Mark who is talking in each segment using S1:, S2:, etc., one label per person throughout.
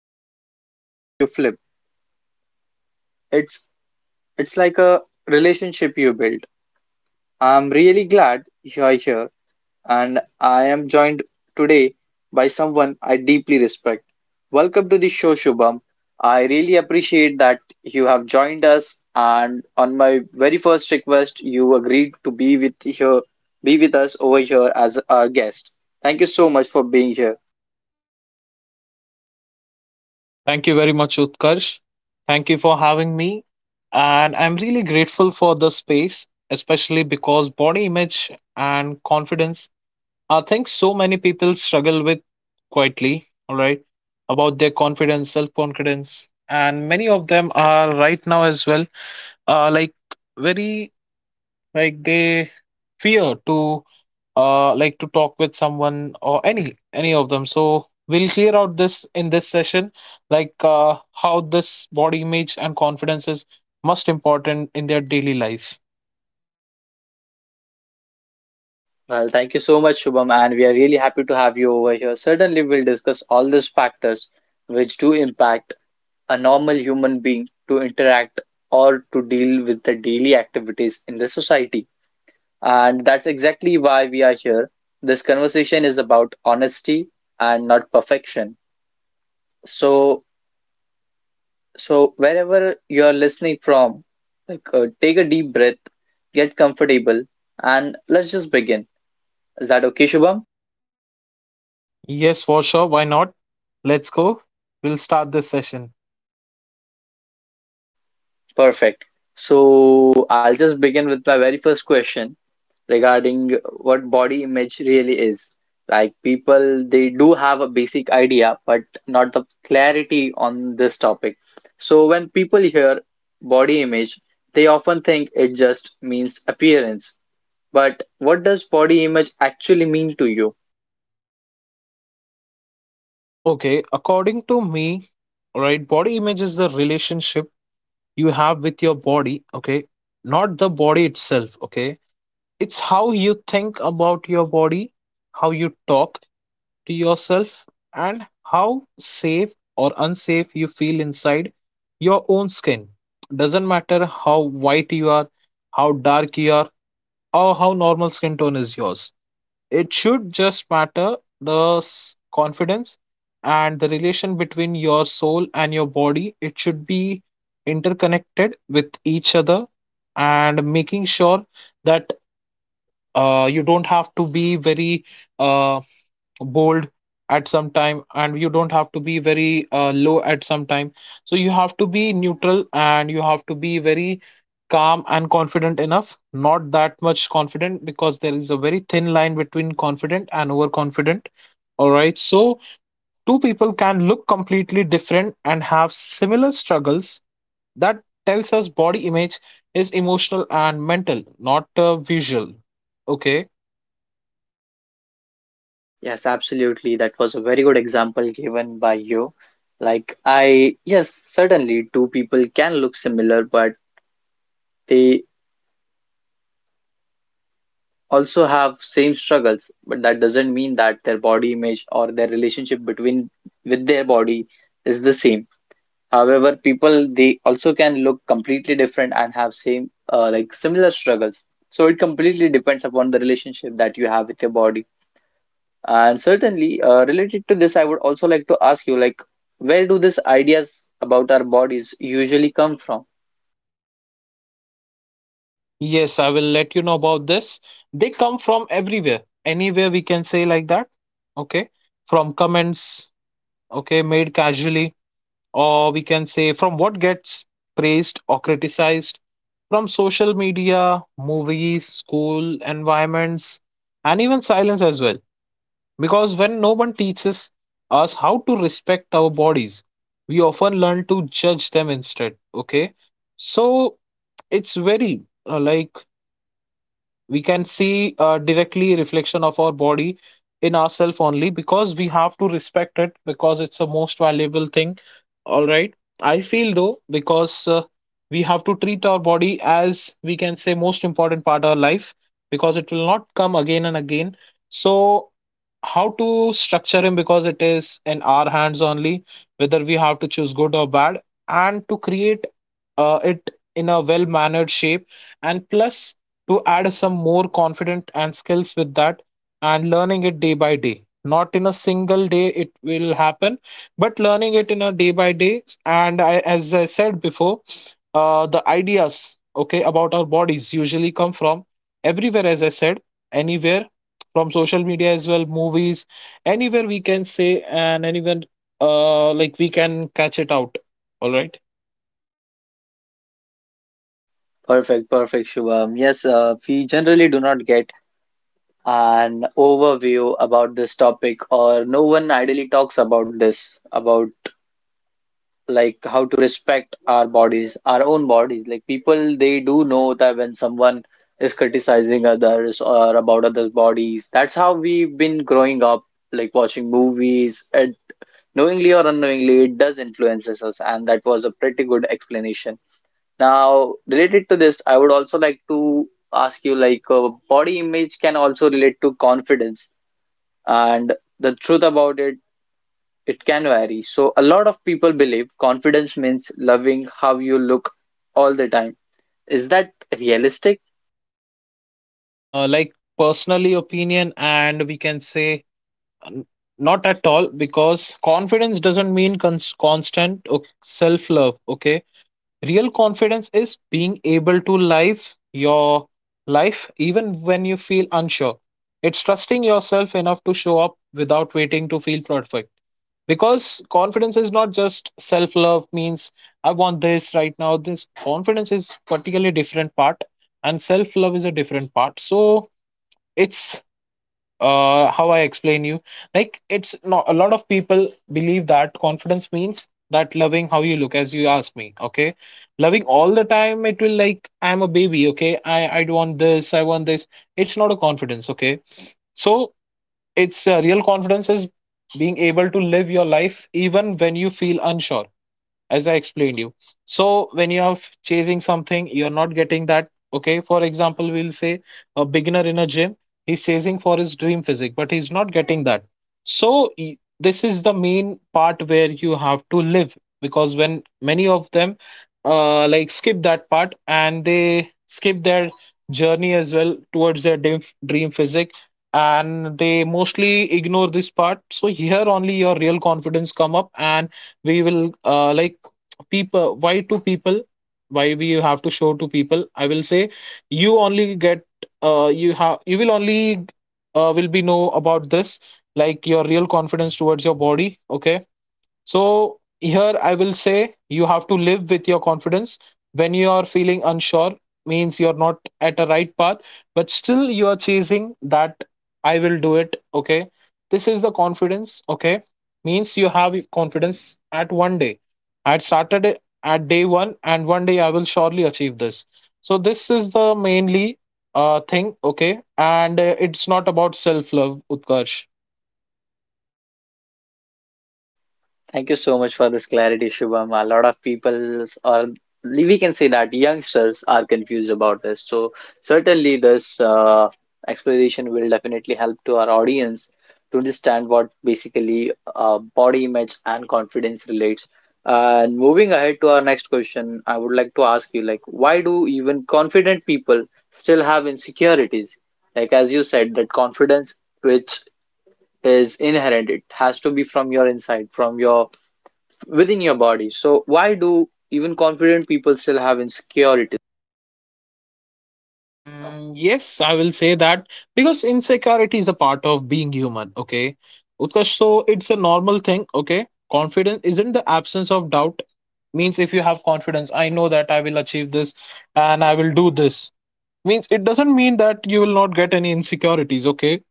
S1: isn't a switch you flip. It's it's like a relationship you build. I'm really glad you're here, and I am joined today by someone I deeply respect. Welcome to the show, Shubham. I really appreciate that you have joined us, and on my very first request, you agreed to be with here, be with us over here as our guest. Thank you so much for being here.
S2: Thank you very much, Utkarsh. Thank you for having me. And I'm really grateful for the space, especially because body image and confidence are things so many people struggle with quietly, all right, about their confidence, self confidence. And many of them are right now as well, like very like they fear to to talk with someone or any of them, so we'll clear out this in this session, like uh how this body image and confidence is most important in their daily life.
S1: Well, thank you so much, Shubham, and we are really happy to have you over here. Certainly, we'll discuss all these factors which do impact a normal human being to interact or to deal with the daily activities in the society. And that's exactly why we are here. This conversation is about honesty and not perfection. So, so, wherever you're listening from, take a deep breath, get comfortable, and let's just begin. Is that okay, Shubham?
S2: Yes, for sure, why not? Let's go. We'll start this session.
S1: Perfect. So, I'll just begin with my very first question, regarding what body image really is. Like people, they do have a basic idea, but not the clarity on this topic. So when people hear body image, they often think it just means appearance. But what does body image actually mean to you?
S2: Okay, according to me, right, body image is the relationship you have with your body, okay, not the body itself. Okay, it's how you think about your body, how you talk to yourself, and how safe or unsafe you feel inside your own skin. Doesn't matter how white you are, how dark you are, or how normal skin tone is yours. It should just matter the confidence and the relation between your soul and your body. It should be interconnected with each other, and making sure that, you don't have to be very uh, bold at some time, and you don't have to be very low at some time. So you have to be neutral, and you have to be very calm and confident enough, not that much confident, because there is a very thin line between confident and overconfident. All right, so two people can look completely different and have similar struggles. That tells us body image is emotional and mental, not visual. Okay.
S1: Yes, absolutely. That was a very good example given by you. Like I, yes, certainly two people can look similar, but they also have same struggles, but that doesn't mean that their body image or their relationship between with their body is the same. However, people they also can look completely different and have same like similar struggles. So it completely depends upon the relationship that you have with your body. And certainly, related to this, I would also like to ask you, like, where do these ideas about our bodies usually come from?
S2: Yes, I will let you know about this. They come from everywhere, anywhere, we can say like that. Okay. From comments, okay, made casually, or we can say from what gets praised or criticized, from social media, movies, school environments, and even silence as well. Because when no one teaches us how to respect our bodies, we often learn to judge them instead. Okay. So it's very, uh, like we can see, directly, reflection of our body in ourself only, because we have to respect it because it's a most valuable thing. All right, I feel though, because, we have to treat our body as, we can say, most important part of our life, because it will not come again and again. So how to structure him, because it is in our hands only whether we have to choose good or bad, and to create, it in a well mannered shape, and plus to add some more confident and skills with that, and learning it day by day, not in a single day it will happen, but learning it in a day by day. And as I said before, the ideas, okay, about our bodies usually come from everywhere, as I said, anywhere, from social media as well, movies, anywhere we can say, and anywhere, we can catch it out. All right.
S1: Perfect, perfect, Shubham. Yes, we generally do not get an overview about this topic, or no one ideally talks about this, about like how to respect our bodies, our own bodies. Like people, they do know that when someone is criticizing others or about others' bodies, that's how we've been growing up, like watching movies. It, knowingly or unknowingly, it does influences us, and that was a pretty good explanation. Now, related to this, I would also like to ask you, like, body image can also relate to confidence, and the truth about it, it can vary. So a lot of people believe confidence means loving how you look all the time. Is that realistic?
S2: Personally opinion, and we can say, N- not at all, because confidence doesn't mean constant self-love, okay? Real confidence is being able to live your life even when you feel unsure. It's trusting yourself enough to show up without waiting to feel perfect. Because confidence is not just self-love means I want this right now. This confidence is particularly different part, and self-love is a different part. So it's, how I explain you, like it's not, a lot of people believe that confidence means that loving how you look, as you ask me, okay, loving all the time, it will like I'm a baby, okay, I don't want this, I want this. It's not a confidence, okay. So it's, real confidence is being able to live your life even when you feel unsure, as I explained you. So when you are chasing something, you're not getting that. Okay, for example, we'll say a beginner in a gym, he's chasing for his dream physique, but he's not getting that. So this is the main part where you have to live, because when many of them, skip that part, and they skip their journey as well towards their dream physique, and they mostly ignore this part. So here only your real confidence come up. And we will, people, why we have to show to people, I will say, you only get, you will only, will be know about this, like your real confidence towards your body, okay. So here I will say you have to live with your confidence when you are feeling unsure, means you're not at a right path, but still you are chasing that, I will do it, okay. This is the confidence, okay, means you have confidence at one day, I started it at day one, and one day I will surely achieve this. So this is the mainly, thing, okay. And it's not about self love, Utkarsh.
S1: Thank you so much for this clarity, Shubham. A lot of people, or we can say that youngsters, are confused about this. So certainly this explanation will definitely help to our audience to understand what basically body image and confidence relates. And moving ahead to our next question, I would like to ask you, like, why do even confident people still have insecurities? Like, as you said, that confidence which is inherent, it has to be from your inside, from your within your body. So why do even confident people still have insecurity?
S2: Mm, yes, I will say that because insecurity is a part of being human, okay? Utkarsh, so it's a normal thing, okay? Confidence isn't the absence of doubt. Means if you have confidence, I know that I will achieve this and I will do this. Means it doesn't mean that you will not get any insecurities, okay?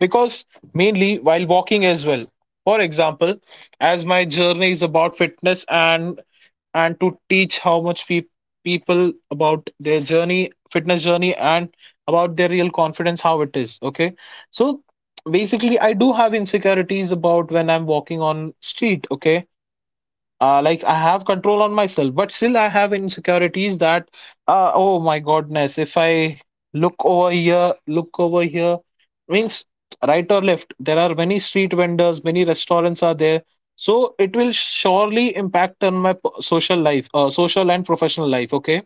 S2: Because mainly while walking as well, for example, as my journey is about fitness and to teach how much people about their journey, fitness journey, and about their real confidence how it is, okay. So basically I do have insecurities about when I'm walking on street, okay. I have control on myself, but still I have insecurities that, oh my goodness, if I look over here, means right or left, there are many street vendors, many restaurants are there. So it will surely impact on my social life, social and professional life, okay.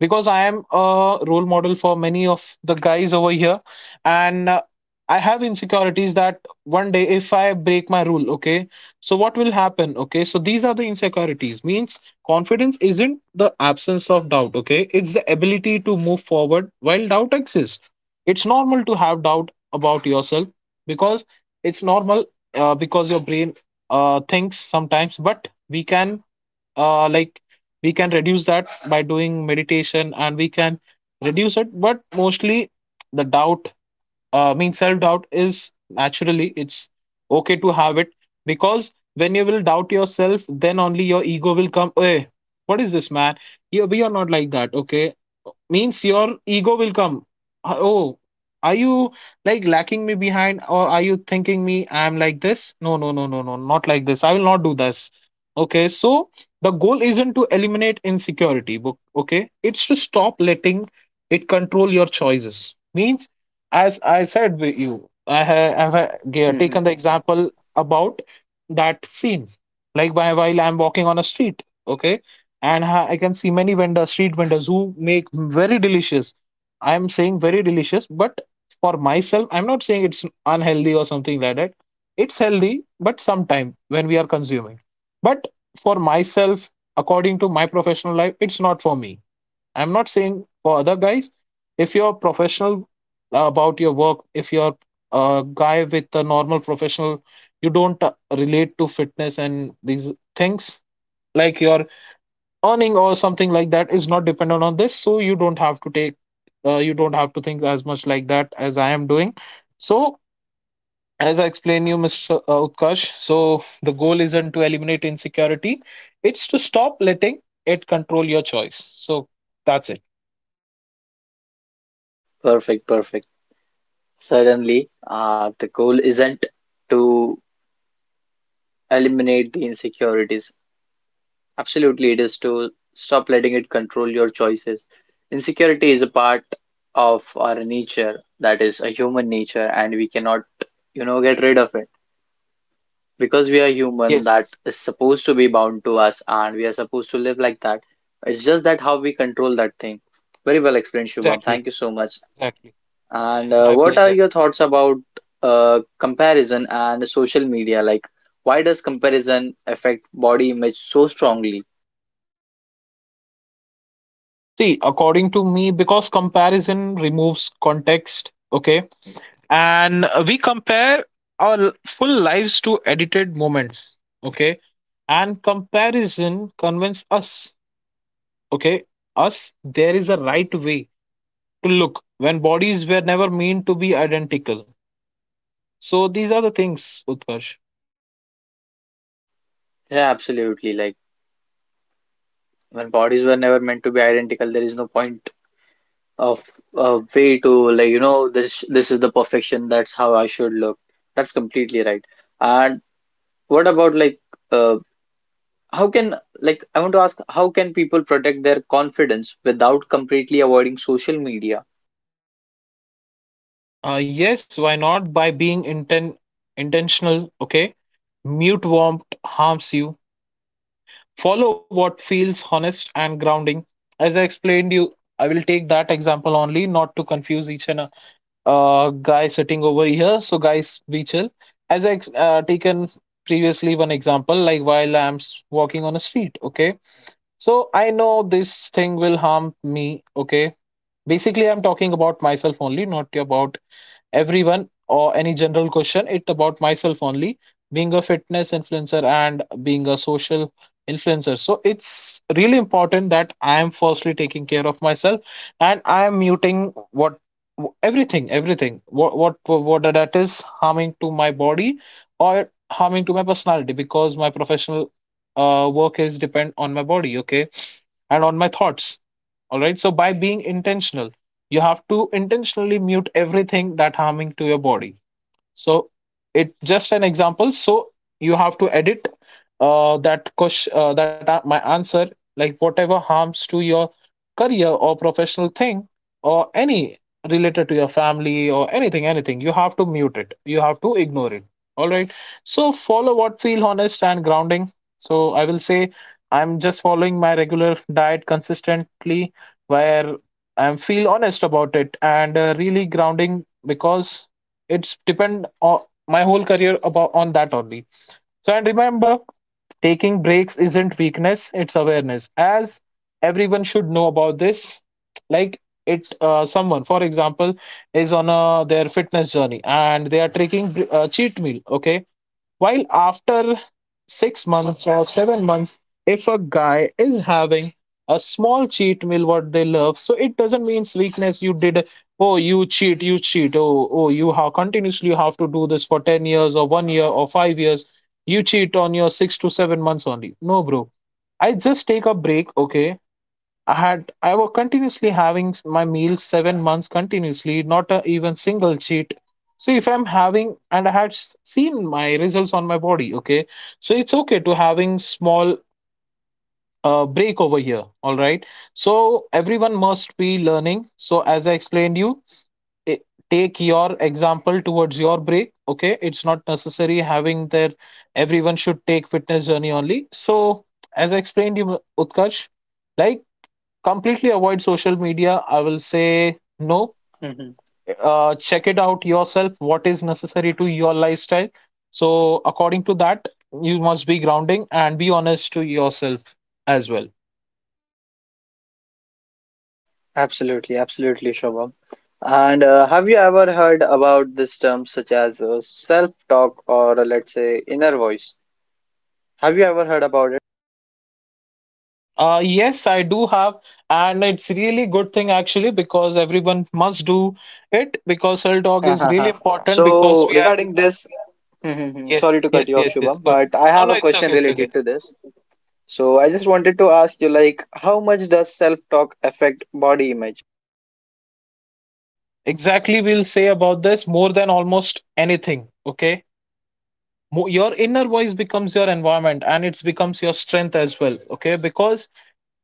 S2: Because I am a role model for many of the guys over here, and I have insecurities that one day if I break my rule, okay, so what will happen? Okay, so these are the insecurities. Means confidence isn't the absence of doubt, okay, it's the ability to move forward while doubt exists. It's normal to have doubt about yourself, because it's normal, because your brain, thinks sometimes, but we can, uh, like we can reduce that by doing meditation, and we can reduce it, but mostly the doubt, I mean, self doubt is naturally, it's okay to have it. Because when you will doubt yourself, then only your ego will come, hey, what is this, man? You, we are not like that, okay. Means your ego will come. "Oh, are you like lacking me behind, or are you thinking me I'm like this? No, no, no, no, no, not like this, I will not do this, okay." So the goal isn't to eliminate insecurity, okay, it's to stop letting it control your choices. Means, as I said with you, I have
S1: hmm
S2: taken the example about that scene. Like by while I'm walking on a street, okay, and I can see many vendors, street vendors, who make very delicious. I am saying very delicious, but for myself, I'm not saying it's unhealthy or something like that. It's healthy, but sometime when we are consuming. But for myself, according to my professional life, it's not for me. I'm not saying for other guys, if you're professional about your work, if you're a guy with a normal professional, you don't, relate to fitness and these things, like your earning or something like that is not dependent on this. So you don't have to take, you don't have to think as much like that as I am doing. So as I explained you, Mr. Utkarsh, so the goal isn't to eliminate insecurity, it's to stop letting it control your choice. So that's it.
S1: Perfect, perfect. Certainly, the goal isn't to eliminate the insecurities. Absolutely, it is to stop letting it control your choices. Insecurity is a part of our nature, that is a human nature, and we cannot, you know, get rid of it, because we are human.
S2: Yes.
S1: That is supposed to be bound to us and we are supposed to live like that. It's just that how we control that thing. Very well explained, Shubham,
S2: Exactly,
S1: thank you so much.
S2: exactly.
S1: And
S2: My
S1: what are
S2: pleasure.
S1: your thoughts about comparison and social media? Like, why does comparison affect body image so strongly?
S2: See, according to me, because comparison removes context, okay? And we compare our full lives to edited moments, okay? And comparison convinces us, okay, us there is a right way to look when bodies were never meant to be identical. So these are the things, Utkarsh.
S1: Yeah, absolutely. Like, when bodies were never meant to be identical, there is no point of a way to, like, you know, this is the perfection, that's how I should look. That's completely right. And what about like, uh, how can, like, I want to ask, how can people protect their confidence without completely avoiding social media?
S2: Yes, why not? By being intentional, okay? Mute warmth harms you. Follow what feels honest and grounding. As I explained you, I will take that example only, not to confuse each and guy sitting over here. So, guys, be chill. As I taken previously one example, like while I'm walking on a street. Okay, so I know this thing will harm me. Okay, basically, I'm talking about myself only, not about everyone or any general question it about myself only, being a fitness influencer and being a social influencer, so it's really important that I am firstly taking care of myself and I am muting what everything what that is harming to my body or harming to my personality, because my professional work is depend on my body, okay, and on my thoughts. All right, so by being intentional, you have to intentionally mute everything that harming to your body. So it's just an example. So you have to edit that question, my answer, like whatever harms to your career or professional thing or any related to your family or anything, anything. You have to mute it. You have to ignore it. All right. So follow what feel honest and grounding. So I will say I'm just following my regular diet consistently, where I am feel honest about it and really grounding, because it's depend on my whole career about on that only. So, and remember, taking breaks isn't weakness, it's awareness. As everyone should know about this, like it. Someone, for example, is on a, their fitness journey and they are taking cheat meal, okay, while after 6 months or 7 months, if a guy is having a small cheat meal, what they love, so it doesn't mean weakness. You did, oh, you cheat, oh, oh, you have continuously, you have to do this for 10 years or one year or 5 years. You cheat on your 6 to 7 months only. No, bro. I just take a break, okay? I was continuously having my meals 7 months continuously, not a, even single cheat. So if I'm having, and I had seen my results on my body, okay, so it's okay to having small break over here. All right. So everyone must be learning. So as I explained you, i- take your example towards your break. Okay, it's not necessary having their everyone should take fitness journey only. So as I explained you, Utkarsh. Like completely avoid social media, I will say no.
S1: hmm
S2: Check it out yourself what is necessary to your lifestyle. So according to that, you must be grounding and be honest to yourself as well.
S1: Absolutely, absolutely, Shobham. And have you ever heard about this term such as self-talk, or let's say inner voice? Have you ever heard about it?
S2: Yes, I do have, and it's really good thing actually, because everyone must do it, because self dog is really important, because
S1: So
S2: we are.
S1: regarding this,
S2: Yes,
S1: sorry to cut
S2: yes,
S1: you off,
S2: yes, yes,
S1: Shubham,
S2: good.
S1: but I
S2: No,
S1: have
S2: no,
S1: a
S2: it's
S1: question
S2: okay, it's okay.
S1: related to this. So I just wanted to ask you, like, how much does self-talk affect body image?
S2: Exactly, we'll say about this more than almost anything. Okay, your inner voice becomes your environment and it becomes your strength as well, okay, because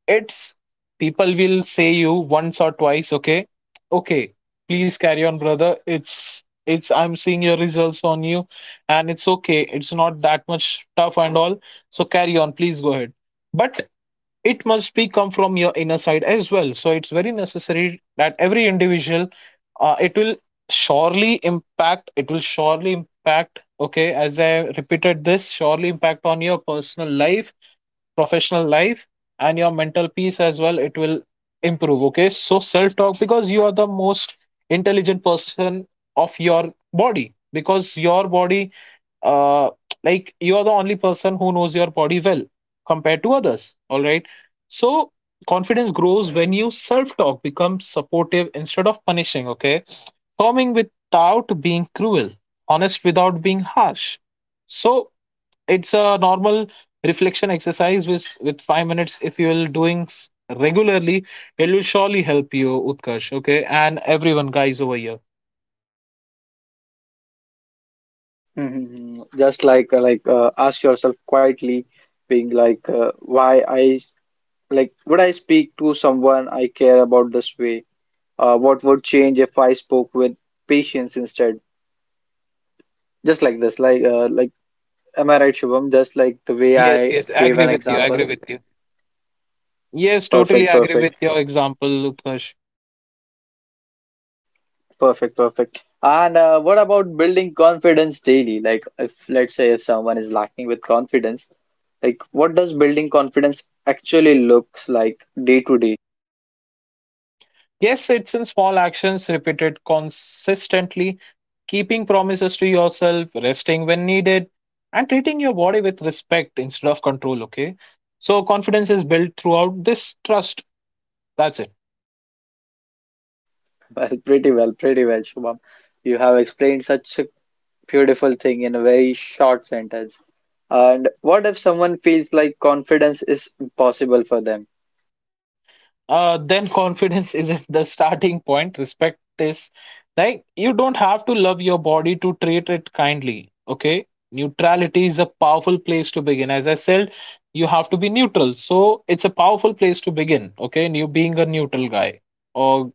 S2: it's people will say you once or twice. Okay, okay, please carry on, brother. It's I'm seeing your results on you, and it's okay, it's not that much tough and all. So carry on, please, go ahead. But it must be come from your inner side as well. So it's very necessary that every individual, it will surely impact, it will surely impact, okay, as I repeated, this surely impact on your personal life, professional life, and your mental peace as well. It will improve, okay? So self talk, because you are the most intelligent person of your body, because your body, uh, like, you are the only person who knows your body well compared to others. All right. So confidence grows when you self talk becomes supportive instead of punishing. Okay. Firming without being cruel, honest without being harsh. So it's a normal reflection exercise with 5 minutes. If you will doing regularly, it will surely help you, Utkarsh. Okay. And everyone, guys, over here.
S1: Just like ask yourself quietly, being like, like, would I speak to someone I care about this way? What would change if I spoke with patience instead? Just like this, like like, am I right, Shubham? Just like the way
S2: Yes,
S1: I
S2: yes, I
S1: gave
S2: agree
S1: an
S2: with you. I agree
S1: example.
S2: with you. Yes, totally
S1: Perfect,
S2: agree with
S1: perfect,
S2: your example, Utkarsh.
S1: perfect, perfect. And what about building confidence daily? Like, if, let's say, if someone is lacking with confidence, like, what does building confidence actually looks like day to day?
S2: Yes, it's in small actions repeated consistently, keeping promises to yourself, resting when needed, and treating your body with respect instead of control. Okay. So confidence is built throughout this trust. That's it.
S1: Well, pretty well, pretty well, Shubham. You have explained such a beautiful thing in a very short sentence. And what if someone feels like confidence is impossible for them?
S2: Then confidence isn't the starting point. Respect is, like, you don't have to love your body to treat it kindly. Okay. Neutrality is a powerful place to begin. As I said, you have to be neutral. So it's a powerful place to begin. Okay. And you being a neutral guy or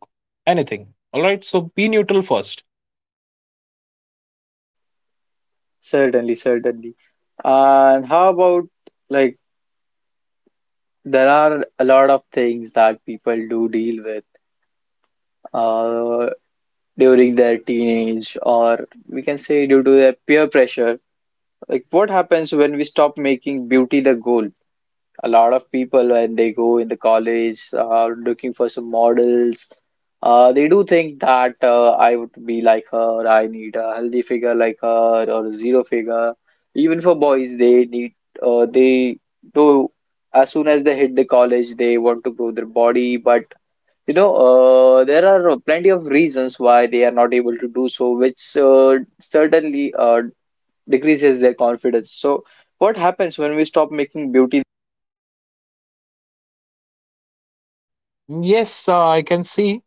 S2: anything. All right. So be neutral first.
S1: Certainly, certainly. And how about like, there are a lot of things that people do deal with uh, during their teenage, or we can say due to their peer pressure. Like, what happens when we stop making beauty the goal? A lot of people, when they go in the college, looking for some models, they do think that I would be like her, I need a healthy figure like her, or a zero figure. Even for boys, they need, they do, as soon as they hit the college, they want to grow their body. But you know, there are plenty of reasons why they are not able to do so, which certainly decreases their confidence. So what happens when we stop making beauty?
S2: Yes, I can see,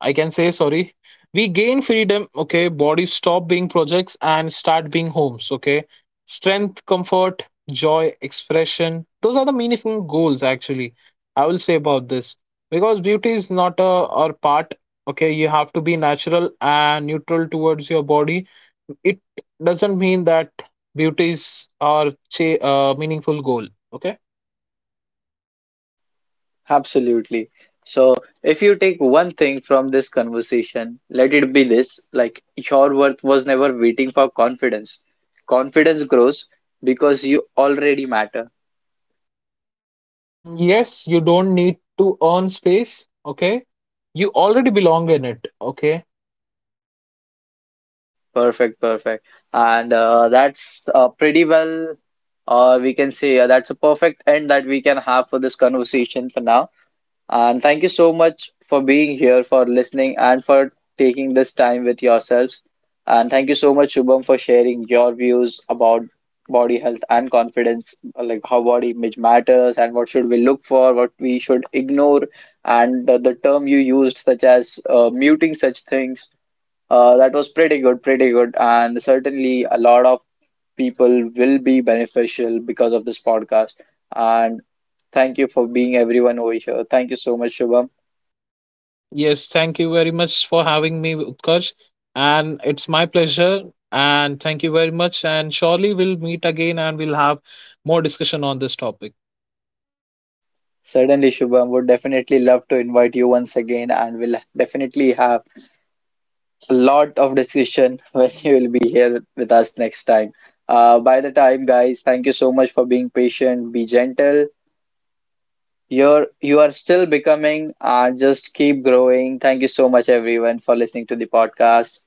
S2: I can say, sorry. We gain freedom, okay? Bodies stop being projects and start being homes, okay? Strength, comfort, joy, expression. Those are the meaningful goals, actually. I will say about this. Because beauty is not a or part, okay? You have to be natural and neutral towards your body. It doesn't mean that beauty is our meaningful goal, okay?
S1: Absolutely. So, if you take one thing from this conversation, let it be this: like, your worth was never waiting for confidence. Confidence grows because you already matter.
S2: Mm, yes, you don't need to earn space. Okay. You already belong in it. Okay.
S1: Perfect, perfect. And that's pretty well, or we can say that's a perfect end that we can have for this conversation for now. And thank you so much for being here, for listening, and for taking this time with yourselves. And thank you so much, Shubham, for sharing your views about body health and confidence, like how body image matters and what should we look for, what we should ignore, and the term you used, such as muting such things. That was pretty good, pretty good, and certainly a lot of people will be beneficial because of this podcast. And thank you for being everyone over here. Thank you so much, Shubham.
S2: Yes. Thank you very much for having me, Utkarsh. And it's my pleasure. And thank you very much. And surely we'll meet again and we'll have more discussion on this topic.
S1: Certainly, Shubham, would definitely love to invite you once again, and we'll definitely have a lot of discussion when you will be here with us next time. By the time, guys, thank you so much for being patient. Be gentle. You are still becoming and just keep growing. Thank you so much, everyone, for listening to the podcast.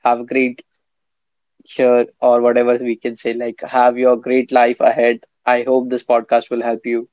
S1: Have a great here, or whatever we can say, like, have your great life ahead. I hope this podcast will help you.